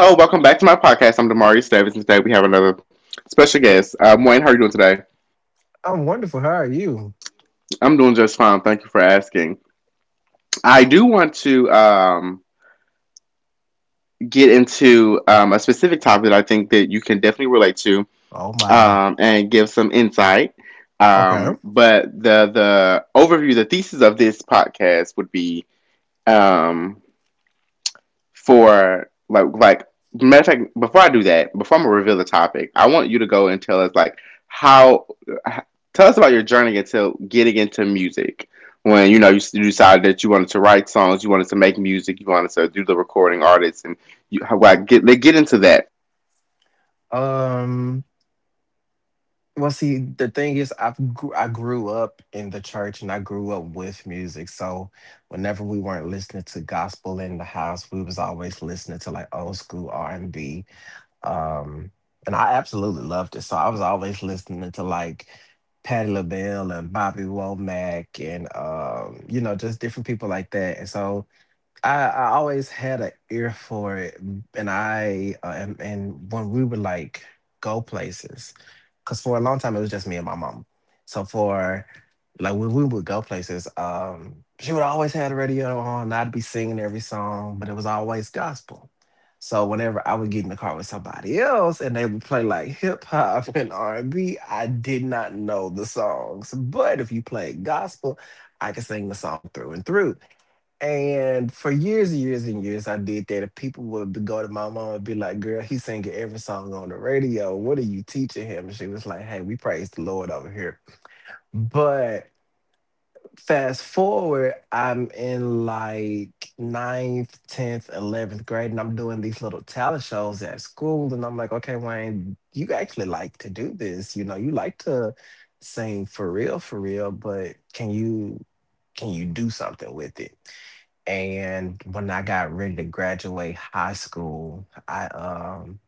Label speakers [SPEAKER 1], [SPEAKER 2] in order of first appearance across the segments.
[SPEAKER 1] Hello, welcome back to my podcast. I'm Damari Davis, and today we have another special guest. Wayne, how are you doing today?
[SPEAKER 2] I'm wonderful. How are you?
[SPEAKER 1] I'm doing just fine. Thank you for asking. I do want to get into a specific topic that I think that you can definitely relate to,
[SPEAKER 2] Oh my.
[SPEAKER 1] and give some insight.
[SPEAKER 2] Okay.
[SPEAKER 1] But the overview, the thesis of this podcast would be, um, for like matter of fact, before I do that, before I'm gonna reveal the topic, I want you to go and tell us, like, how tell us about your journey until getting into music, when you decided that you wanted to write songs, you wanted to make music, you wanted to do the recording artists, and you get into that.
[SPEAKER 2] Um. Well, see, the thing is, I grew up in the church and I grew up with music. So whenever we weren't listening to gospel in the house, we was always listening to like old school R and B. Um, and I absolutely loved it. So I was always listening to like Patti LaBelle and Bobby Womack and you know, just different people like that. And so I always had an ear for it, and when we would like go places, because for a long time it was just me and my mom. So for like when we would go places, she would always have the radio on. And I'd be singing every song, but it was always gospel. So whenever I would get in the car with somebody else and they would play like hip hop and R and B, I did not know the songs, but if you played gospel, I could sing the song through and through. And for years and years and years, I did that. And people would go to my mom and be like, "Girl, he's singing every song on the radio. What are you teaching him?" And she was like, "Hey, we praise the Lord over here." But fast forward, I'm in like ninth, 10th, 11th grade, and I'm doing these little talent shows at school. And I'm like, "Okay, Wayne, you actually like to do this. You know, you like to sing for real, but can you do something with it?" And when I got ready to graduate high school, I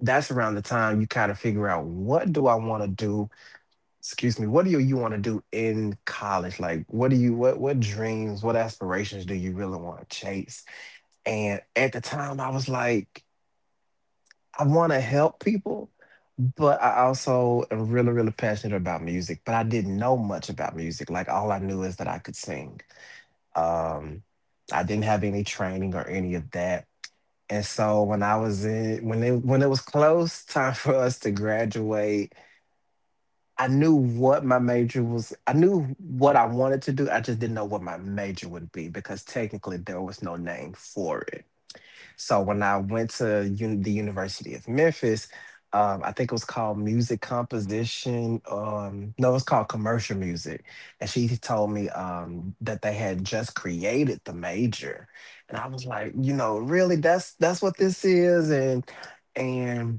[SPEAKER 2] that's around the time you kind of figure out, what do I want to do? Excuse me, what do you want to do in college? Like what do you, what dreams, what aspirations do you really want to chase? And at the time I was like, I want to help people, but I also am really, really passionate about music. But I didn't know much about music. Like all I knew is that I could sing. Um I didn't have any training or any of that. And so when I was in when it was close time for us to graduate, I knew what my major was. I knew what I wanted to do. I just didn't know what my major would be because technically there was no name for it. So when I went to the University of Memphis, I think it was called music composition. No, it's called commercial music. And she told me that they had just created the major, and I was like, you know, really, that's what this is, and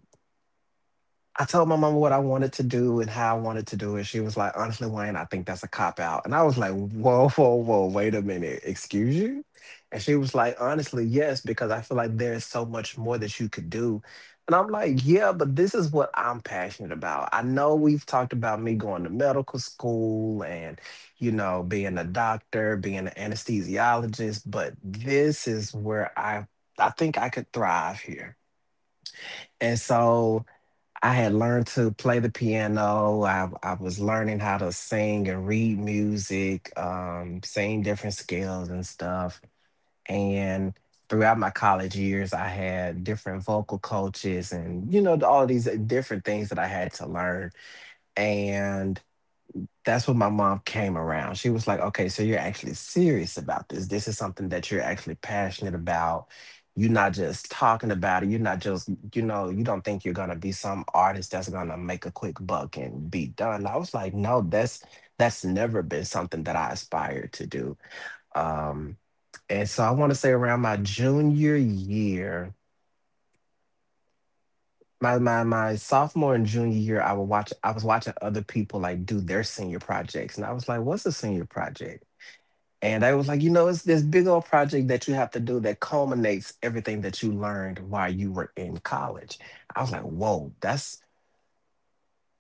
[SPEAKER 2] I told my mama what I wanted to do and how I wanted to do it. She was like, "Honestly, Wayne, I think that's a cop out." And I was like, "Whoa, whoa, whoa, wait a minute. Excuse you?" And she was like, "Honestly, yes, because I feel like there's so much more that you could do." And I'm like, "Yeah, but this is what I'm passionate about. I know we've talked about me going to medical school and, you know, being a doctor, being an anesthesiologist, but this is where I think I could thrive here." And so I had learned to play the piano. I was learning how to sing and read music, sing different scales and stuff. And throughout my college years, I had different vocal coaches and, you know, all these different things that I had to learn. And that's when my mom came around. She was like, "Okay, so you're actually serious about this. This is something that you're actually passionate about. You're not just talking about it. You're not just, you know, you don't think you're gonna be some artist that's gonna make a quick buck and be done." I was like, "No, that's never been something that I aspired to do." Um, and so I want to say around my junior year, my sophomore and junior year, I was watching other people like do their senior projects. And I was like, "What's a senior project?" And they was like, "You know, it's this big old project that you have to do that culminates everything that you learned while you were in college." I was like, "Whoa, that's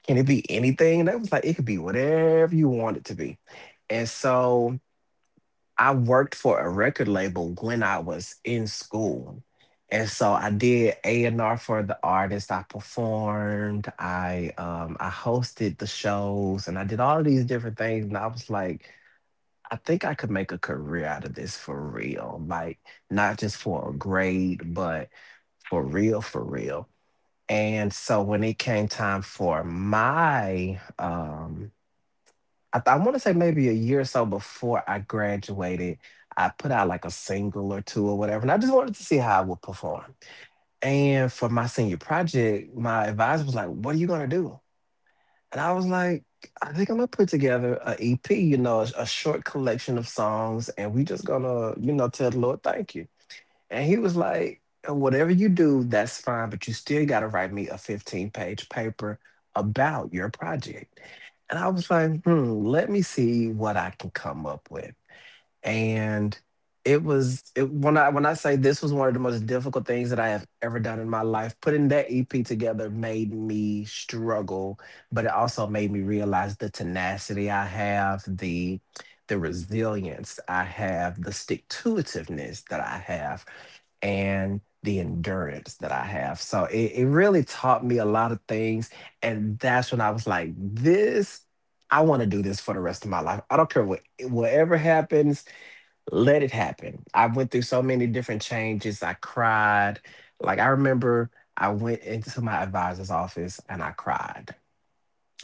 [SPEAKER 2] can it be anything?" And they was like, "It could be whatever you want it to be." And so I worked for a record label when I was in school. And so I did A and R for the artist. I performed. I hosted the shows, and I did all of these different things. And I was like, I think I could make a career out of this for real. Like, not just for a grade, but for real, for real. And so when it came time for my, I want to say maybe a year or so before I graduated, I put out like a single or two or whatever. And I just wanted to see how I would perform. And for my senior project, my advisor was like, "What are you going to do?" And I was like, I think I'm gonna put together a EP, you know, a short collection of songs, and we just gonna, you know, tell the Lord thank you. And he was like, whatever you do, that's fine, but you still gotta write me a 15-page paper about your project. And I was like, hmm, let me see what I can come up with. And when I say this was one of the most difficult things that I have ever done in my life. Putting that EP together made me struggle, but it also made me realize the tenacity I have, the resilience I have, the stick to itiveness that I have, and the endurance that I have. So it really taught me a lot of things. And that's when I was like, this, I want to do this for the rest of my life. I don't care whatever happens, let it happen. I went through so many different changes. I cried. Like I remember I went into my advisor's office and I cried.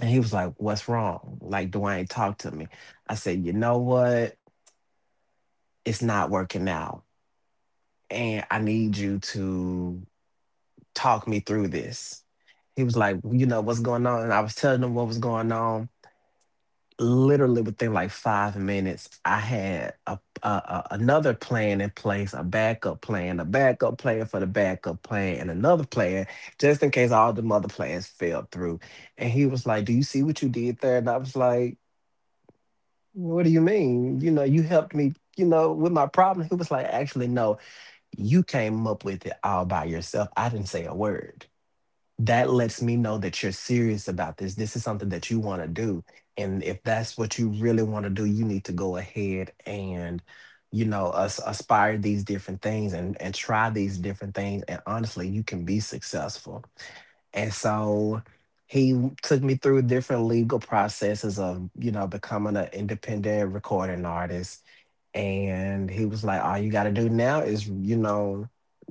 [SPEAKER 2] And he was like, "What's wrong? Like Dwayne talked to me." I said, "You know what? It's not working out. And I need you to talk me through this." He was like, "You know what's going on?" And I was telling him what was going on. Literally within like 5 minutes, I had a another plan in place, a backup plan for the backup plan, and another plan just in case all the other plans fell through. And he was like, "Do you see what you did there?" And I was like, "What do you mean? You know, you helped me." You know, with my problem, he was like, "Actually, no, you came up with it all by yourself. I didn't say a word. That lets me know that you're serious about this. This is something that you want to do. And if that's what you really want to do, you need to go ahead and, you know, us aspire these different things and, try these different things. And honestly, you can be successful." And so took me through different legal processes of, you know, becoming an independent recording artist. And he was like, all you got to do now is, you know,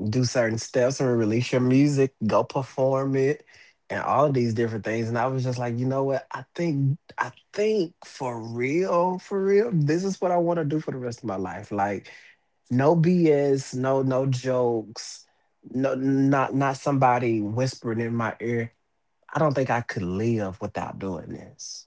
[SPEAKER 2] do certain steps and release your music, go perform it, and all of these different things. And I was just like, you know what? I think for real, this is what I want to do for the rest of my life. Like, no BS, no jokes, no, not somebody whispering in my ear. I don't think I could live without doing this.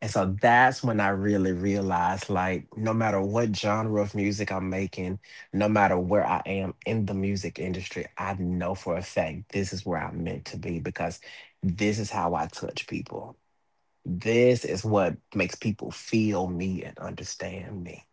[SPEAKER 2] And so that's when I really realized like, no matter what genre of music I'm making, no matter where I am in the music industry, I know for a fact this is where I'm meant to be because this is how I touch people. This is what makes people feel me and understand me.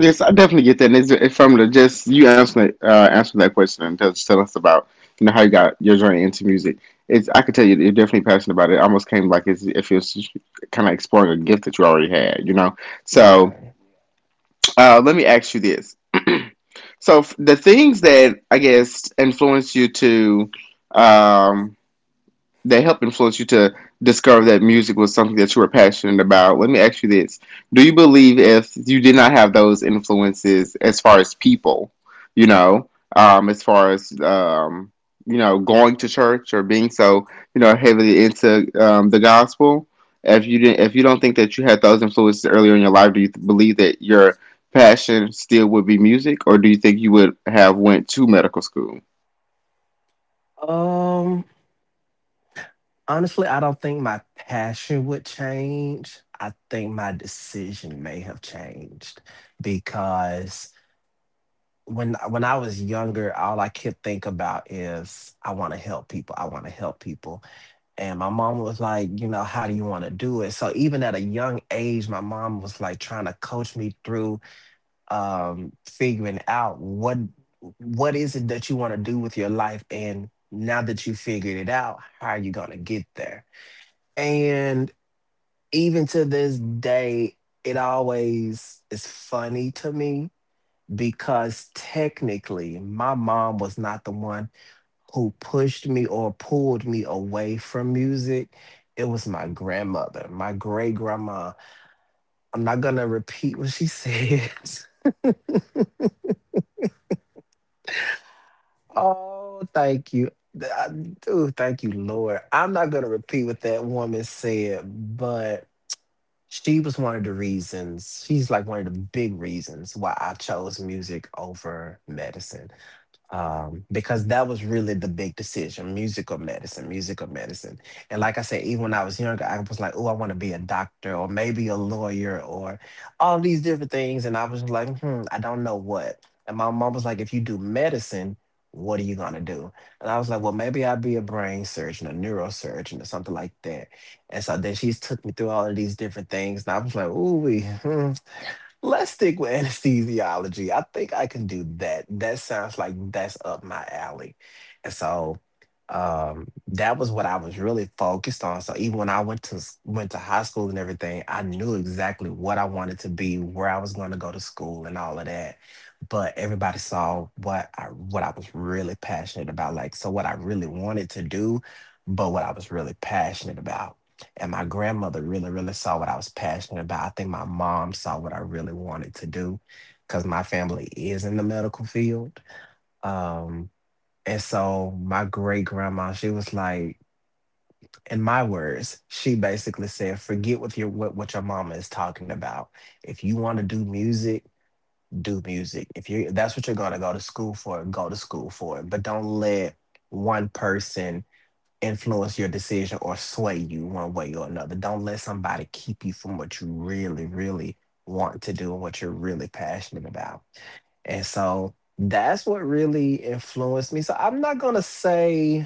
[SPEAKER 1] Yes, I definitely get that. And it's, if just you answer that question, and just tell us about, you know, how you got your journey into music. It's, I could tell, you're definitely passionate about it. It almost came like it's, if it's kind of exploring a gift that you already had, you know. So,
[SPEAKER 2] Yeah.
[SPEAKER 1] let me ask you this: so, the things that I guess influence you to, um, that helped influence you to discover that music was something that you were passionate about. Let me ask you this. Do you believe if you did not have those influences as far as people, you know, as far as, you know, going to church or being so, you know, heavily into, the gospel, if you didn't, if you don't think that you had those influences earlier in your life, do you believe that your passion still would be music, or do you think you would have went to medical school?
[SPEAKER 2] Um, honestly, I don't think my passion would change. I think my decision may have changed because when I was younger, all I could think about is I want to help people. I want to help people. And my mom was like, you know, how do you want to do it? So even at a young age, my mom was like trying to coach me through figuring out what is it that you want to do with your life, and now that you figured it out, how are you going to get there? And even to this day, it always is funny to me because technically my mom was not the one who pushed me or pulled me away from music. It was my grandmother, my great grandma. I'm not gonna repeat what she said. Oh, thank you. Dude, thank you, Lord. I'm not gonna repeat what that woman said, but she was one of the reasons. She's like one of the big reasons why I chose music over medicine, because that was really the big decision, music or medicine, music or medicine. And like I said, even when I was younger, I was like, oh, I want to be a doctor or maybe a lawyer or all these different things. And I was like, hmm, I don't know what. And my mom was like, if you do medicine, what are you going to do? And I was like, well, maybe I'll be a brain surgeon, a neurosurgeon, or something like that. And so then she took me through all of these different things. And I was like, ooh, wee, hmm. Let's stick with anesthesiology. I think I can do that. That sounds like that's up my alley. And so that was what I was really focused on. So even when I went to went to high school and everything, I knew exactly what I wanted to be, where I was going to go to school, and all of that. But everybody saw what I was really passionate about, like, so what I really wanted to do, but what I was really passionate about. And my grandmother really, really saw what I was passionate about. I think my mom saw what I really wanted to do because my family is in the medical field. Um, and so my great grandma, she was like, in my words, she basically said, forget what your what your mama is talking about. If you want to do music, do music. If you that's what you're gonna go to school for, go to school for it. But don't let one person influence your decision or sway you one way or another. Don't let somebody keep you from what you really, really want to do and what you're really passionate about. And so that's what really influenced me. So I'm not going to say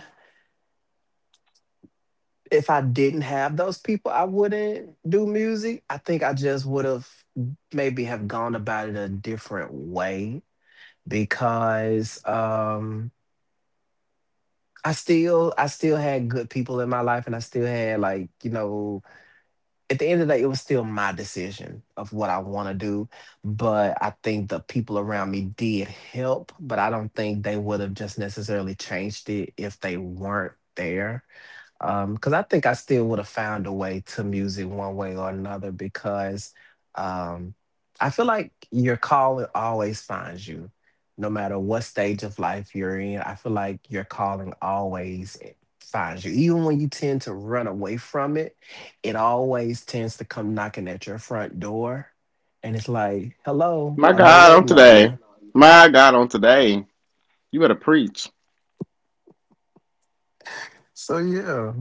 [SPEAKER 2] if I didn't have those people, I wouldn't do music. I think I just would have maybe have gone about it a different way because I still had good people in my life, and I still had, like, you know, at the end of the day, it was still my decision of what I want to do. But I think the people around me did help, but I don't think they would have just necessarily changed it if they weren't there. 'Cause Because I think I still would have found a way to music one way or another, because um I feel like your calling always finds you, no matter what stage of life you're in. I feel like your calling always finds you. Even when you tend to run away from it, it always tends to come knocking at your front door. And it's like, hello,
[SPEAKER 1] My
[SPEAKER 2] I've been
[SPEAKER 1] God, on
[SPEAKER 2] waiting on
[SPEAKER 1] today,
[SPEAKER 2] you.
[SPEAKER 1] my God, on today. You better preach.
[SPEAKER 2] So yeah,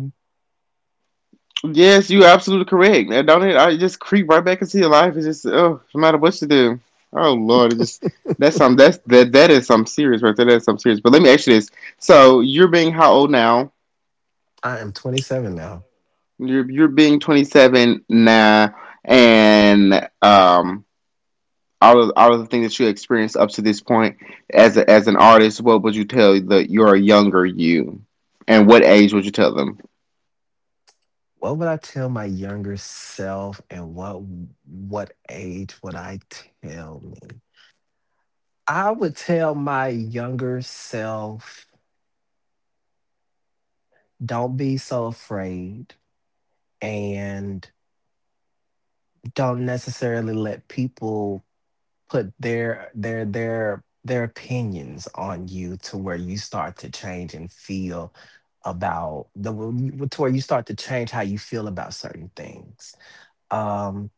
[SPEAKER 1] Yes, you absolutely correct. And don't it? I just creep right back into your life. It's just, oh, no matter what you do. Oh Lord, it just that's some that's that that is some serious right there. That is some serious. But let me ask you this: so, you're being how old now?
[SPEAKER 2] I am 27 now.
[SPEAKER 1] You're being 27 now, and, um, all of the things that you experienced up to this point as a, as an artist, what would you tell the your younger you, and what age would you tell them?
[SPEAKER 2] What would I tell my younger self, and what age would I tell me? I would tell my younger self, don't be so afraid, and don't necessarily let people put their opinions on you to where you start to change and feel about the to where you start to change how you feel about certain things. Um.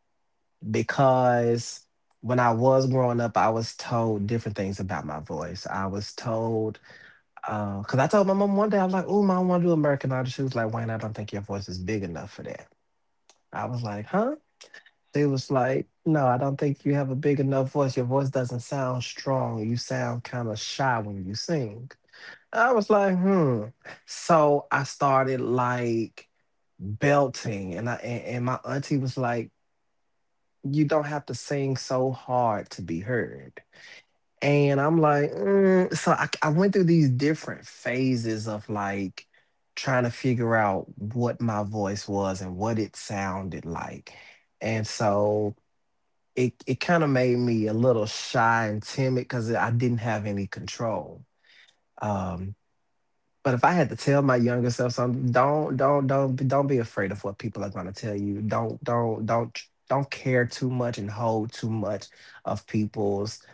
[SPEAKER 2] Because when I was growing up, I was told different things about my voice. I was told, because I told my mom one day, I was like, oh, mom, I want to do American Idol. She was like, Wayne, I don't think your voice is big enough for that. I was like, huh? She was like, no, I don't think you have a big enough voice. Your voice doesn't sound strong. You sound kind of shy when you sing. I was like, hmm. So I started like belting, and and my auntie was like, you don't have to sing so hard to be heard. And I'm like, So I went through these different phases of like trying to figure out what my voice was and what it sounded like. And so it kind of made me a little shy and timid because I didn't have any control. Um, but if I had to tell my younger self something, don't be afraid of what people are going to tell you. Don't care too much and hold too much of people's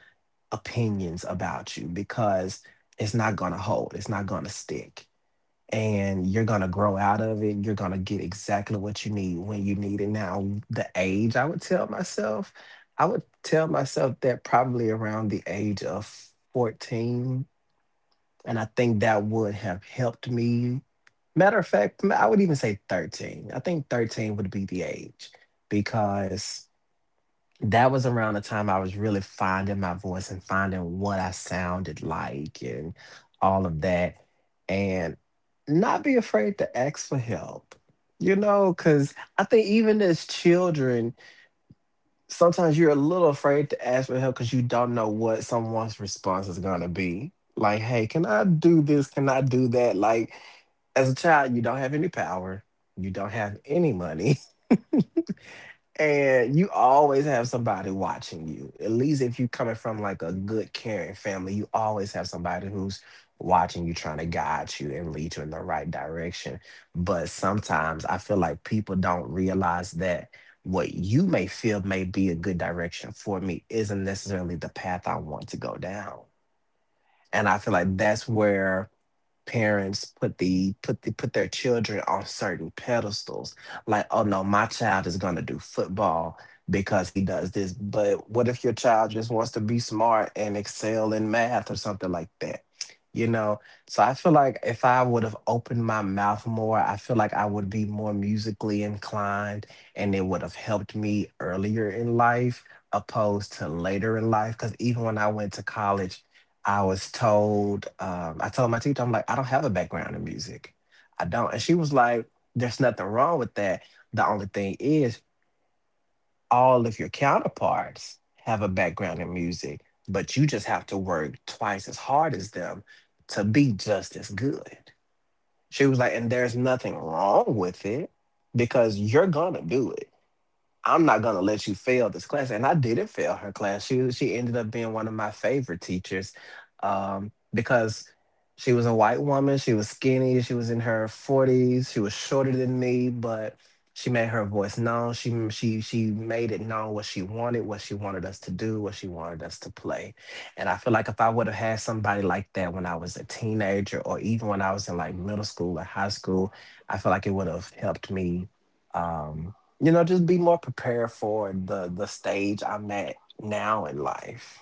[SPEAKER 2] opinions about you, because it's not going to hold. It's not going to stick. And you're going to grow out of it. You're going to get exactly what you need when you need it. Now, the age I would tell myself, I would tell myself that probably around the age of 14, and I think that would have helped me. Matter of fact, I would even say 13. I think 13 would be the age because that was around the time I was really finding my voice and finding what I sounded like and all of that. And not be afraid to ask for help, you know, because I think even as children, sometimes you're a little afraid to ask for help because you don't know what someone's response is going to be. Like, hey, can I do this? Can I do that? Like, as a child, you don't have any power, you don't have any money. And you always have somebody watching you. At least if you're coming from like a good caring family, you always have somebody who's watching you, trying to guide you and lead you in the right direction. But sometimes I feel like people don't realize that what you may feel may be a good direction for me isn't necessarily the path I want to go down. And I feel like that's where parents put the put their children on certain pedestals, like, oh no, my child is going to do football because he does this. But what if your child just wants to be smart and excel in math or something like that, you know? So I feel like if I would have opened my mouth more, I feel like I would be more musically inclined, and it would have helped me earlier in life opposed to later in life, because even when I went to college, I was told, I told my teacher, I'm like, I don't have a background in music. I don't. And she was like, there's nothing wrong with that. The only thing is, all of your counterparts have a background in music, but you just have to work twice as hard as them to be just as good. She was like, and there's nothing wrong with it because you're going to do it. I'm not gonna let you fail this class. And I didn't fail her class. She ended up being one of my favorite teachers, because she was a white woman. She was skinny. She was in her 40s. She was shorter than me, but she made her voice known. She m- She made it known what she wanted us to do, what she wanted us to play. And I feel like if I would have had somebody like that when I was a teenager, or even when I was in like middle school or high school, I feel like it would have helped me. Um, you know, just be more prepared for the stage I'm at now in life.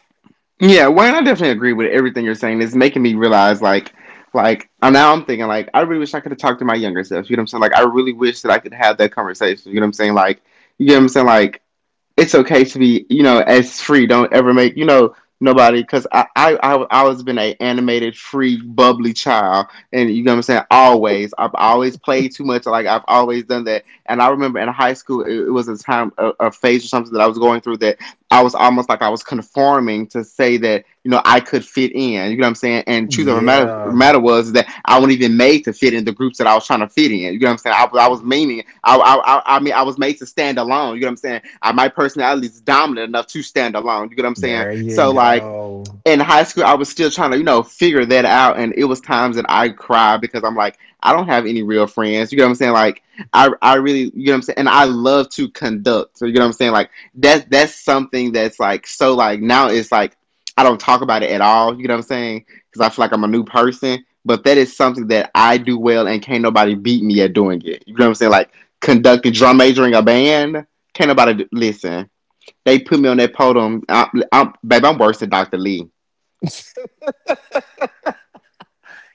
[SPEAKER 1] Yeah, well, I definitely agree with everything you're saying. It's making me realize, like, now I'm thinking, like, I really wish I could have talked to my younger self. You know what I'm saying? Like, I really wish that I could have that conversation. You know what I'm saying? Like, you get what I'm saying? Like, it's okay to be, you know, as free. Don't ever make, you know, nobody, because I always been a animated, free, bubbly child, and you know what I'm saying? Always, I've always played too much. Like, I've always done that. And I remember in high school, it was a time, a phase or something that I was going through, that I was almost like I was conforming to say that I could fit in. You know what I'm saying? And truth of the matter,
[SPEAKER 2] Yeah,
[SPEAKER 1] matter was that I wasn't even made to fit in the groups that I was trying to fit in. You know what I'm saying? I mean, I was made to stand alone. You know what I'm saying? My personality is dominant enough to stand alone. You know what I'm saying?
[SPEAKER 2] there you
[SPEAKER 1] So, like
[SPEAKER 2] go.
[SPEAKER 1] in high school, I was still trying to, figure that out. And it was times that I cried because I'm like, I don't have any real friends. You know what I'm saying? Like, I really, you know what I'm saying? And I love to conduct. So, you know what I'm saying? Like, that's something that's like, so like, now it's like, I don't talk about it at all. You know what I'm saying? Because I feel like I'm a new person. But that is something that I do well, and can't nobody beat me at doing it. You know what I'm saying? Like, conducting, drum majoring a band. Can't nobody, listen, they put me on that podium. I'm, babe, I'm worse than Dr. Lee.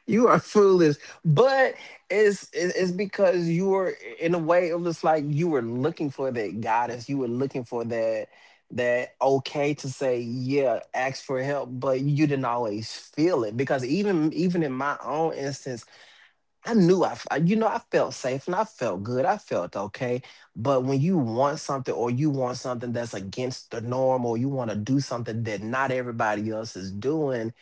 [SPEAKER 2] You are foolish, but it's because you were, in a way, it was like you were looking for that guidance. You were looking for that that okay to say, yeah, ask for help, but you didn't always feel it, because even in my own instance, I knew you know, I felt safe and I felt good. I felt okay. But when you want something, or you want something that's against the norm, or you want to do something that not everybody else is doing,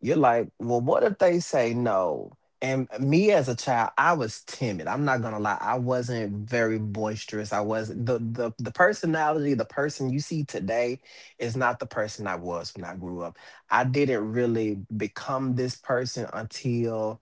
[SPEAKER 2] you're like, well, what if they say no? And me as a child, I was timid. I'm not gonna lie. I wasn't very boisterous. I wasn't the personality. The person you see today is not the person I was when I grew up. I didn't really become this person until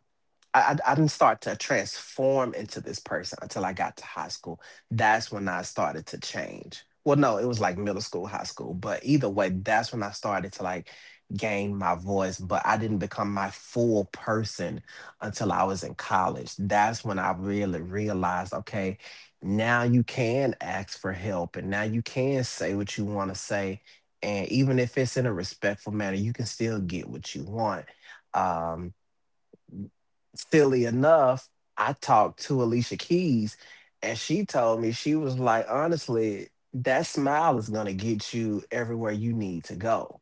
[SPEAKER 2] I didn't start to transform into this person until I got to high school. That's when I started to change. Well, no, it was like middle school, high school, but either way, that's when I started to like gain my voice. But I didn't become my full person until I was in college. That's when I really realized, okay, now you can ask for help and now you can say what you want to say. And even if it's in a respectful manner, you can still get what you want. Um, Silly enough, I talked to Alicia Keys and she told me, she was like, honestly, that smile is going to get you everywhere you need to go,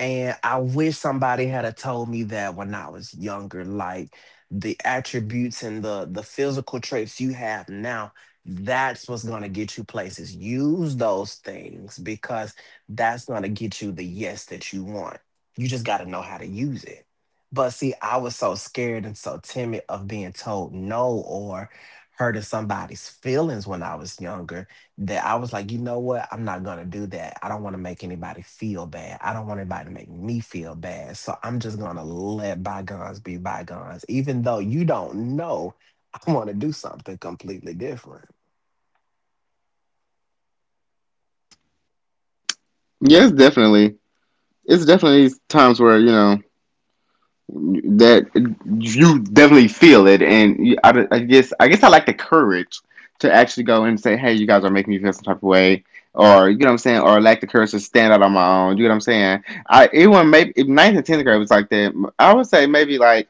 [SPEAKER 2] and I wish somebody had a told me that when I was younger, like the attributes and the physical traits you have now, that's what's gonna get you places. Use those things because that's gonna get you the yes that you want. You just gotta know how to use it. But see, I was so scared and so timid of being told no or hurting somebody's feelings when I was younger that I was like, you know what? I'm not gonna do that. I don't want to make anybody feel bad. I don't want anybody to make me feel bad. So I'm just gonna let bygones be bygones, even though you don't know I want to do something completely different.
[SPEAKER 1] Yes, definitely. It's definitely times where you know that you definitely feel it, and I guess, I like the courage to actually go and say, "Hey, you guys are making me feel some type of way," or you know what I'm saying, or lack the courage to stand out on my own. You know what I'm saying? I it was maybe, if ninth and tenth grade was like that. I would say maybe, like,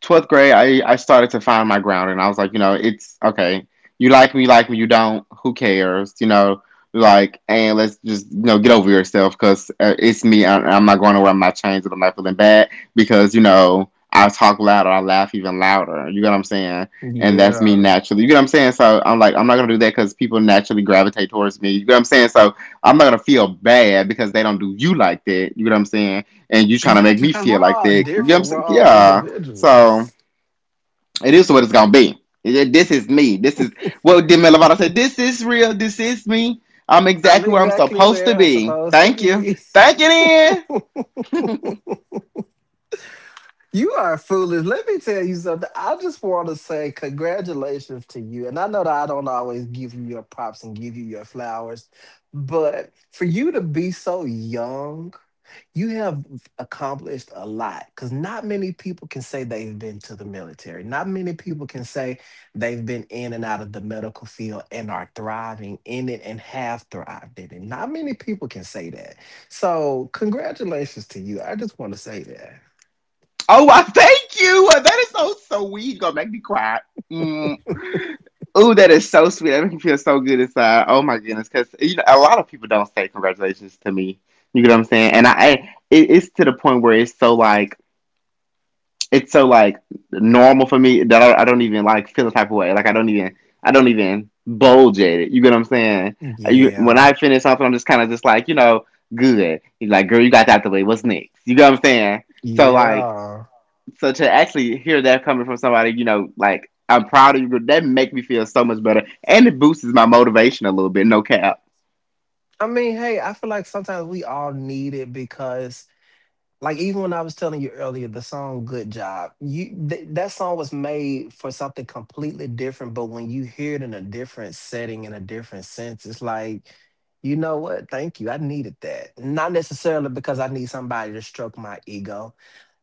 [SPEAKER 1] 12th grade, I started to find my ground, and I was like, you know, it's okay. You like me, you like me. You don't. Who cares? You know, like, and let's just get over yourself because, it's me. I'm not going nowhere. I'm not changing. I'm not feeling bad because, you know, I talk louder. I laugh even louder. You get what I'm saying? And that's me
[SPEAKER 2] Yeah,
[SPEAKER 1] naturally. You get what I'm saying? So I'm like, I'm not gonna do that because people naturally gravitate towards me. You get what I'm saying? So I'm not gonna feel bad because they don't do you like that. You get what I'm saying? And you trying to make
[SPEAKER 2] exactly.
[SPEAKER 1] me
[SPEAKER 2] Because
[SPEAKER 1] feel
[SPEAKER 2] we're
[SPEAKER 1] like
[SPEAKER 2] all
[SPEAKER 1] that. You get what I'm
[SPEAKER 2] different. We're
[SPEAKER 1] saying?
[SPEAKER 2] all
[SPEAKER 1] Yeah, so
[SPEAKER 2] individuals.
[SPEAKER 1] it is what it's gonna be. Yeah, this is me. This is what Demi Lovato said. This is real. This is me. I'm
[SPEAKER 2] I'm
[SPEAKER 1] exactly what I'm
[SPEAKER 2] exactly
[SPEAKER 1] supposed to
[SPEAKER 2] where I'm
[SPEAKER 1] be.
[SPEAKER 2] supposed to
[SPEAKER 1] Thank you.
[SPEAKER 2] be.
[SPEAKER 1] Thank you, then.
[SPEAKER 2] You are foolish. Let me tell you something. I just want to say congratulations to you. And I know that I don't always give you your props and give you your flowers, but for you to be so young, you have accomplished a lot because not many people can say they've been to the military. Not many people can say they've been in and out of the medical field and are thriving in it and have thrived in it. Not many people can say that. So, congratulations to you. I just want to say that.
[SPEAKER 1] Oh, I thank you. Well, that is so so sweet. You're gonna make me cry. Mm. Ooh, that is so sweet. That makes me feel so good inside. Oh my goodness, because, you know, a lot of people don't say congratulations to me. You know what I'm saying? And it's to the point where it's so like normal for me, that I don't even, like, feel the type of way. Like, I don't even bulge at it. You get what I'm saying? When
[SPEAKER 2] Yeah.
[SPEAKER 1] I finish something, I'm just kind of just like, good. You're like, girl, you got that the way. What's next? You get what I'm saying? So like
[SPEAKER 2] Yeah.
[SPEAKER 1] so to actually hear that coming from somebody, you know, like, I'm proud of you, that make me feel so much better, and it boosts my motivation a little bit. No cap.
[SPEAKER 2] I mean, hey, I feel like sometimes we all need it because like even when I was telling you earlier, the song Good Job, that song was made for something completely different, but when you hear it in a different setting in a different sense, it's like, you know what? Thank you. I needed that. Not necessarily because I need somebody to stroke my ego.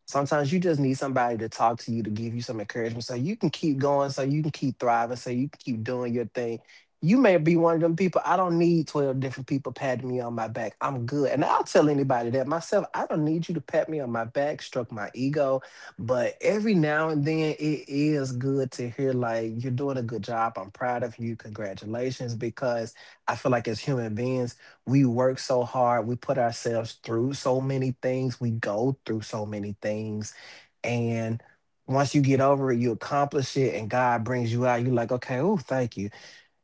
[SPEAKER 2] Sometimes you just need somebody to talk to you to give you some encouragement so you can keep going, so you can keep thriving, so you can keep doing your thing. You may be one of them people. I don't need 12 different people patting me on my back. I'm good. And I'll tell anybody that myself. I don't need you to pat me on my back, stroke my ego. But every now and then it is good to hear, like, you're doing a good job. I'm proud of you. Congratulations. Because I feel like as human beings, we work so hard, we put ourselves through so many things, we go through so many things. And once you get over it, you accomplish it, and God brings you out. You're like, okay, oh, thank you.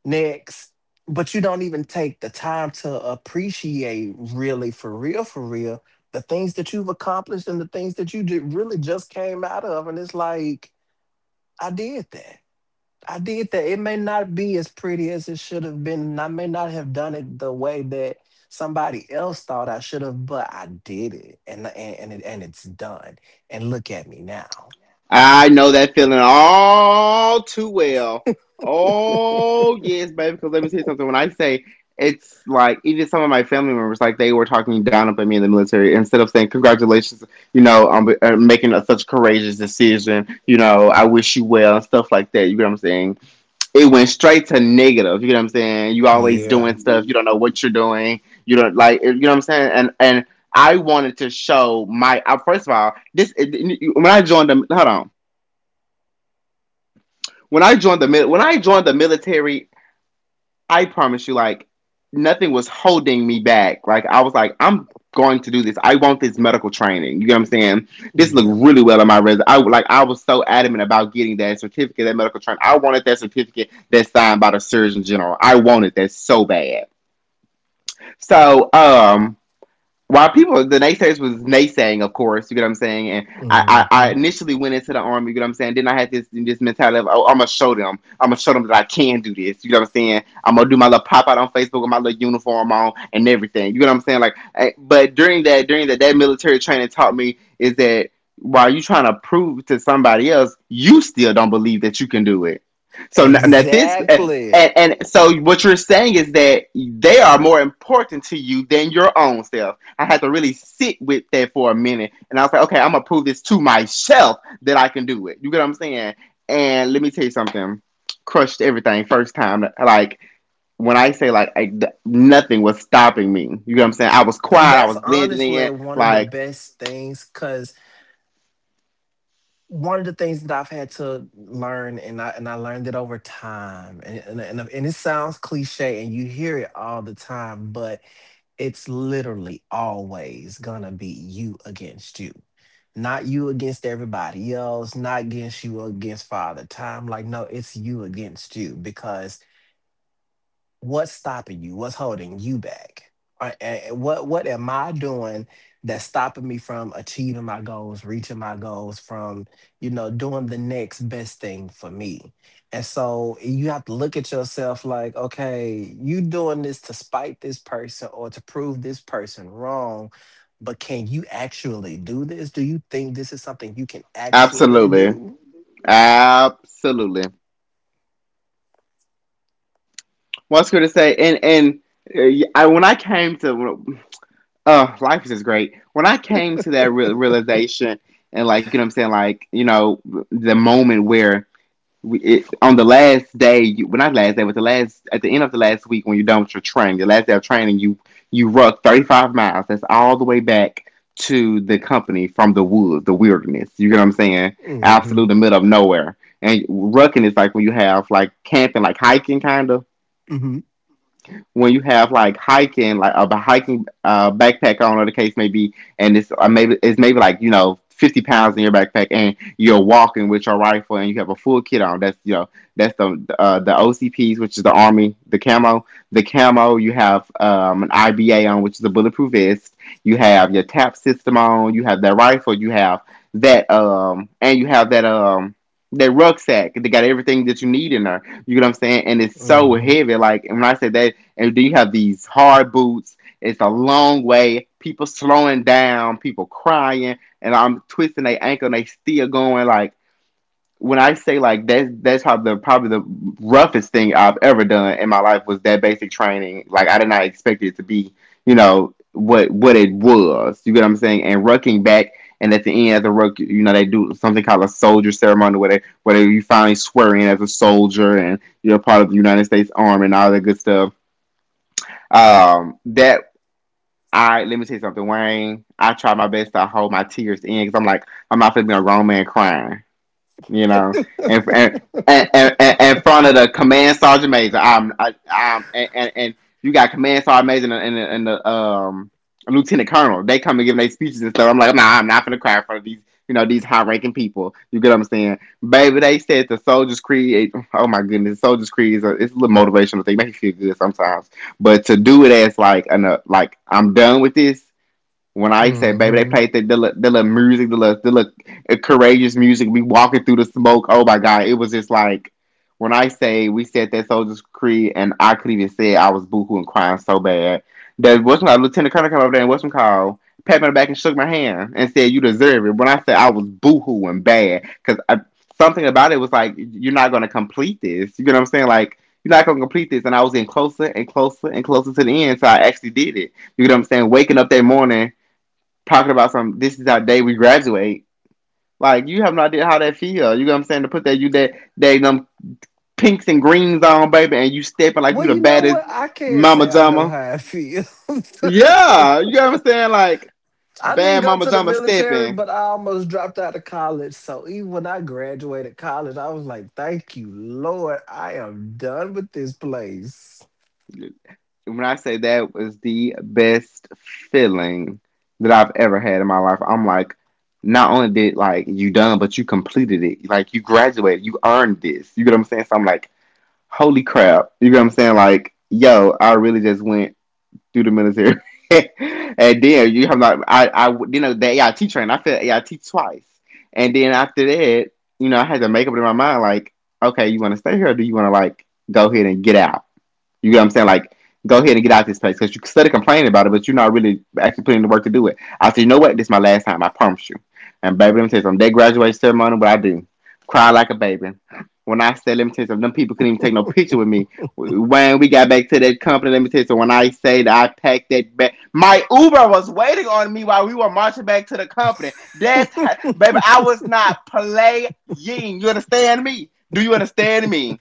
[SPEAKER 2] Next. But you don't even take the time to appreciate, really, for real, the things that you've accomplished and the things that you really just came out of. And it's like, I did that. I did that. It may not be as pretty as it should have been, and I may not have done it the way that somebody else thought I should have, but I did it, and and it's done. And look at me now.
[SPEAKER 1] I know that feeling all too well. Oh yes, baby. Because let me tell you something. When I say, it's like, even some of my family members, like, they were talking down about me in the military instead of saying congratulations, you know, on, making such a courageous decision. You know, I wish you well, and stuff like that. You get what I'm saying? It went straight to negative. You get what I'm saying? You always
[SPEAKER 2] Yeah,
[SPEAKER 1] doing stuff. You don't know what you're doing. You don't like. You know what I'm saying? And I wanted to show my. First of all, this when I joined them. Hold on. When I joined the military, I promise you, like, nothing was holding me back. Like, I was like, I'm going to do this. I want this medical training. You know what I'm saying? This
[SPEAKER 2] yeah.
[SPEAKER 1] looked really well on my resume. I was so adamant about getting that certificate, that medical training. I wanted that certificate that's signed by the Surgeon General. I wanted that so bad. So while people the naysayers was naysaying, of course, you get what I'm saying. And I
[SPEAKER 2] Hmm.
[SPEAKER 1] initially went into the army, you get what I'm saying. Then I had this mentality of, oh, I'm gonna show them, I'm gonna show them that I can do this. You get what I'm saying? I'm gonna do my little pop out on Facebook with my little uniform on and everything. You get what I'm saying? Like, but during that that military training taught me is that while you are trying to prove to somebody else, you still don't believe that you can do it. So now, now this. And,
[SPEAKER 2] Exactly.
[SPEAKER 1] and and so what you're saying is that they are more important to you than your own self. I had to really sit with that for a minute. And I was like, okay, I'm gonna prove this to myself that I can do it. You get what I'm saying? And let me tell you something. Crushed everything first time. Like when I say nothing was stopping me. You get what I'm saying? I was
[SPEAKER 2] And
[SPEAKER 1] quiet. I
[SPEAKER 2] that's
[SPEAKER 1] was blending
[SPEAKER 2] honestly
[SPEAKER 1] in.
[SPEAKER 2] one of the
[SPEAKER 1] Like
[SPEAKER 2] best things because one of the things that I've had to learn, and I learned it over time, and and it sounds cliche, and you hear it all the time, but it's literally always gonna be you against you. Not you against everybody else, not against you against Father Time. Like, no, it's you against you. Because what's stopping you, what's holding you back? Or what am I doing that's stopping me from achieving my goals, reaching my goals, from you know doing the next best thing for me? And so you have to look at yourself like, okay, you doing this to spite this person or to prove this person wrong, but can you actually do this? Do you think this is something you can actually
[SPEAKER 1] absolutely,
[SPEAKER 2] do?
[SPEAKER 1] absolutely. What's good to say? When I came to life is just great. When I came to that real realization and like you know what I'm saying, like you know the moment where on the last day, you, well, not last day, but the last at the end of the last week when you're done with your training, the last day of training, you ruck 35 miles. That's all the way back to the company from the woods, the wilderness. You get what I'm saying?
[SPEAKER 2] Mhm.
[SPEAKER 1] Absolute the middle of nowhere. And rucking is like when you have like camping, like hiking, kind of
[SPEAKER 2] Mhm.
[SPEAKER 1] when you have like hiking, like a hiking backpack on, or the case may be, and it's maybe it's maybe like you know 50 pounds in your backpack, and you're walking with your rifle, and you have a full kit on. That's you know that's the OCPs, which is the army, the camo, the camo. You have an IBA on, which is a bulletproof vest. You have your tap system on. You have that rifle. You have that That rucksack, they got everything that you need in there. You know what I'm saying? And it's so
[SPEAKER 2] Mhm.
[SPEAKER 1] heavy. Like and when I say that and then you have these hard boots. It's a long way. People slowing down, people crying, and I'm twisting their ankle and they still going. Like when I say like that's probably the roughest thing I've ever done in my life was that basic training. Like I did not expect it to be, you know, what it was. You get what I'm saying? And rucking back and at the end of the ruck, you know, they do something called a soldier ceremony where you finally swear in as a soldier and you're a part of the United States Army and all that good stuff that I let me tell you something, Wayne. I try my best to hold my tears in because I'm like, I'm not gonna be a grown man crying you know, and and and, and, in front of the command sergeant major. I'm I, I'm and you got command sergeant major and and the lieutenant colonel. They come and give their speeches and stuff. I'm like, nah, I'm not gonna cry in front of these. You know these high-ranking people. You get what I'm saying, baby. They said the Soldiers Creed. Oh my goodness, Soldiers Creed is a, it's a little motivational thing. Make you feel good sometimes, but to do it as like, like I'm done with this when I say, baby, they
[SPEAKER 2] Mhm.
[SPEAKER 1] played the little music, the little courageous music, we walking through the smoke. Oh my God, it was just like, when I say we said that Soldier's Creed and I could even say it, I was boohoo and crying so bad. That what's my Lieutenant Colonel came over there and what's my call? Pat me on the back and shook my hand and said, you deserve it. When I said I was boohoo and bad, because something about it was like, you're not going to complete this. You know what I'm saying? Like, you're not gonna complete this. And I was getting closer and closer and closer to the end, so I actually did it. You know what I'm saying? Waking up that morning talking about some this is our day we graduate. Like you have no idea how that feel. You know what I'm saying? To put that you that they them pinks and greens on, baby, and you stepping like you
[SPEAKER 2] Well,
[SPEAKER 1] the
[SPEAKER 2] you know
[SPEAKER 1] baddest
[SPEAKER 2] what? I can't
[SPEAKER 1] mama
[SPEAKER 2] say I know
[SPEAKER 1] jama.
[SPEAKER 2] how I feel.
[SPEAKER 1] Yeah, you know what I'm saying? Like
[SPEAKER 2] I didn't
[SPEAKER 1] bad
[SPEAKER 2] go
[SPEAKER 1] mama
[SPEAKER 2] to the
[SPEAKER 1] jama
[SPEAKER 2] military,
[SPEAKER 1] stepping.
[SPEAKER 2] but I almost dropped out of college. So even when I graduated college, I was like, thank you, Lord. I am done with this place.
[SPEAKER 1] When I say that was the best feeling that I've ever had in my life. I'm like, not only did like you done, but you completed it. Like you graduated, you earned this. You get what I'm saying? So I'm like, holy crap. You get what I'm saying? Like, yo, I really just went through the military. And then you have not I I you know the AIT train. I failed AIT twice. And then after that, you know, I had to make up in my mind like, okay, you want to stay here or do you want to like go ahead and get out? You get what I'm saying? Like, go ahead and get out of this place because you can study complaining about it, but you're not really actually putting in the work to do it. I said, you know what? This is my last time. I promise you. And baby, let me tell you something. That graduation ceremony, what I do, cry like a baby. When I say, let me tell you something, them people couldn't even take no picture with me. When we got back to that company, let me tell you something. When I say that I packed that bag, my Uber was waiting on me while we were marching back to the company. That's how, baby, I was not playing. You understand me? Do you understand me?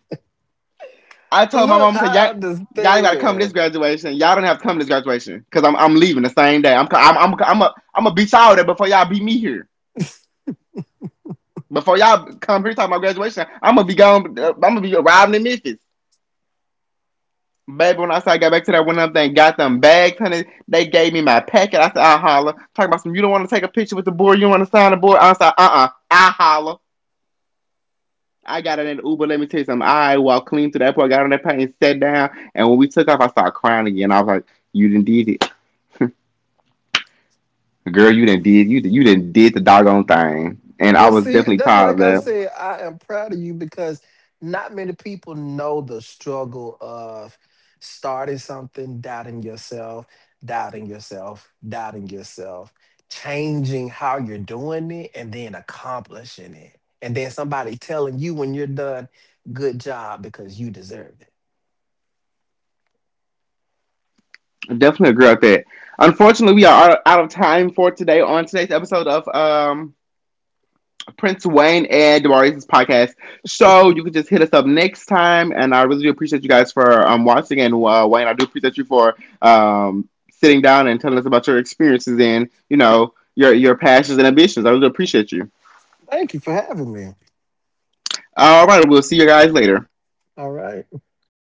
[SPEAKER 1] I told my
[SPEAKER 2] Look,
[SPEAKER 1] mom, I said,
[SPEAKER 2] I
[SPEAKER 1] y'all, y'all ain't got to come to this
[SPEAKER 2] understand.
[SPEAKER 1] graduation. Y'all don't have to come to this graduation because I'm leaving the same day. I'm, co- I'm a, I'm gonna beat y'all there before y'all beat me here. Before y'all come here talking about graduation, I'm gonna be gone. I'm gonna be arriving in Memphis. Baby, when I said I got back to that one other thing, got them bags, honey. They gave me my packet. I said, I holler. Talking about some, you don't want to take a picture with the board, you don't want to sign the board. I said, I holler. I got in an Uber. Let me tell you something. I walked clean through the airport, got on that plane, sat down, and when we took off, I started crying again. I was like, you didn't did it. Girl, you didn't did you you didn't did the doggone thing, and I
[SPEAKER 2] Well,
[SPEAKER 1] was
[SPEAKER 2] see,
[SPEAKER 1] definitely
[SPEAKER 2] that's
[SPEAKER 1] proud of
[SPEAKER 2] like I
[SPEAKER 1] that.
[SPEAKER 2] said, I am proud of you because not many people know the struggle of starting something, doubting yourself, doubting yourself, doubting yourself, changing how you're doing it, and then accomplishing it. And then somebody telling you when you're done, good job, because you deserve it.
[SPEAKER 1] Definitely agree with that. Unfortunately, we are out of time for today on today's episode of Prince Wayne and Demaris's podcast. So you can just hit us up next time, and I really do appreciate you guys for watching. And Wayne, I do appreciate you for sitting down and telling us about your experiences and you know your passions and ambitions. I really appreciate you.
[SPEAKER 2] Thank you for having me.
[SPEAKER 1] All right, we'll see you guys later.
[SPEAKER 2] All right.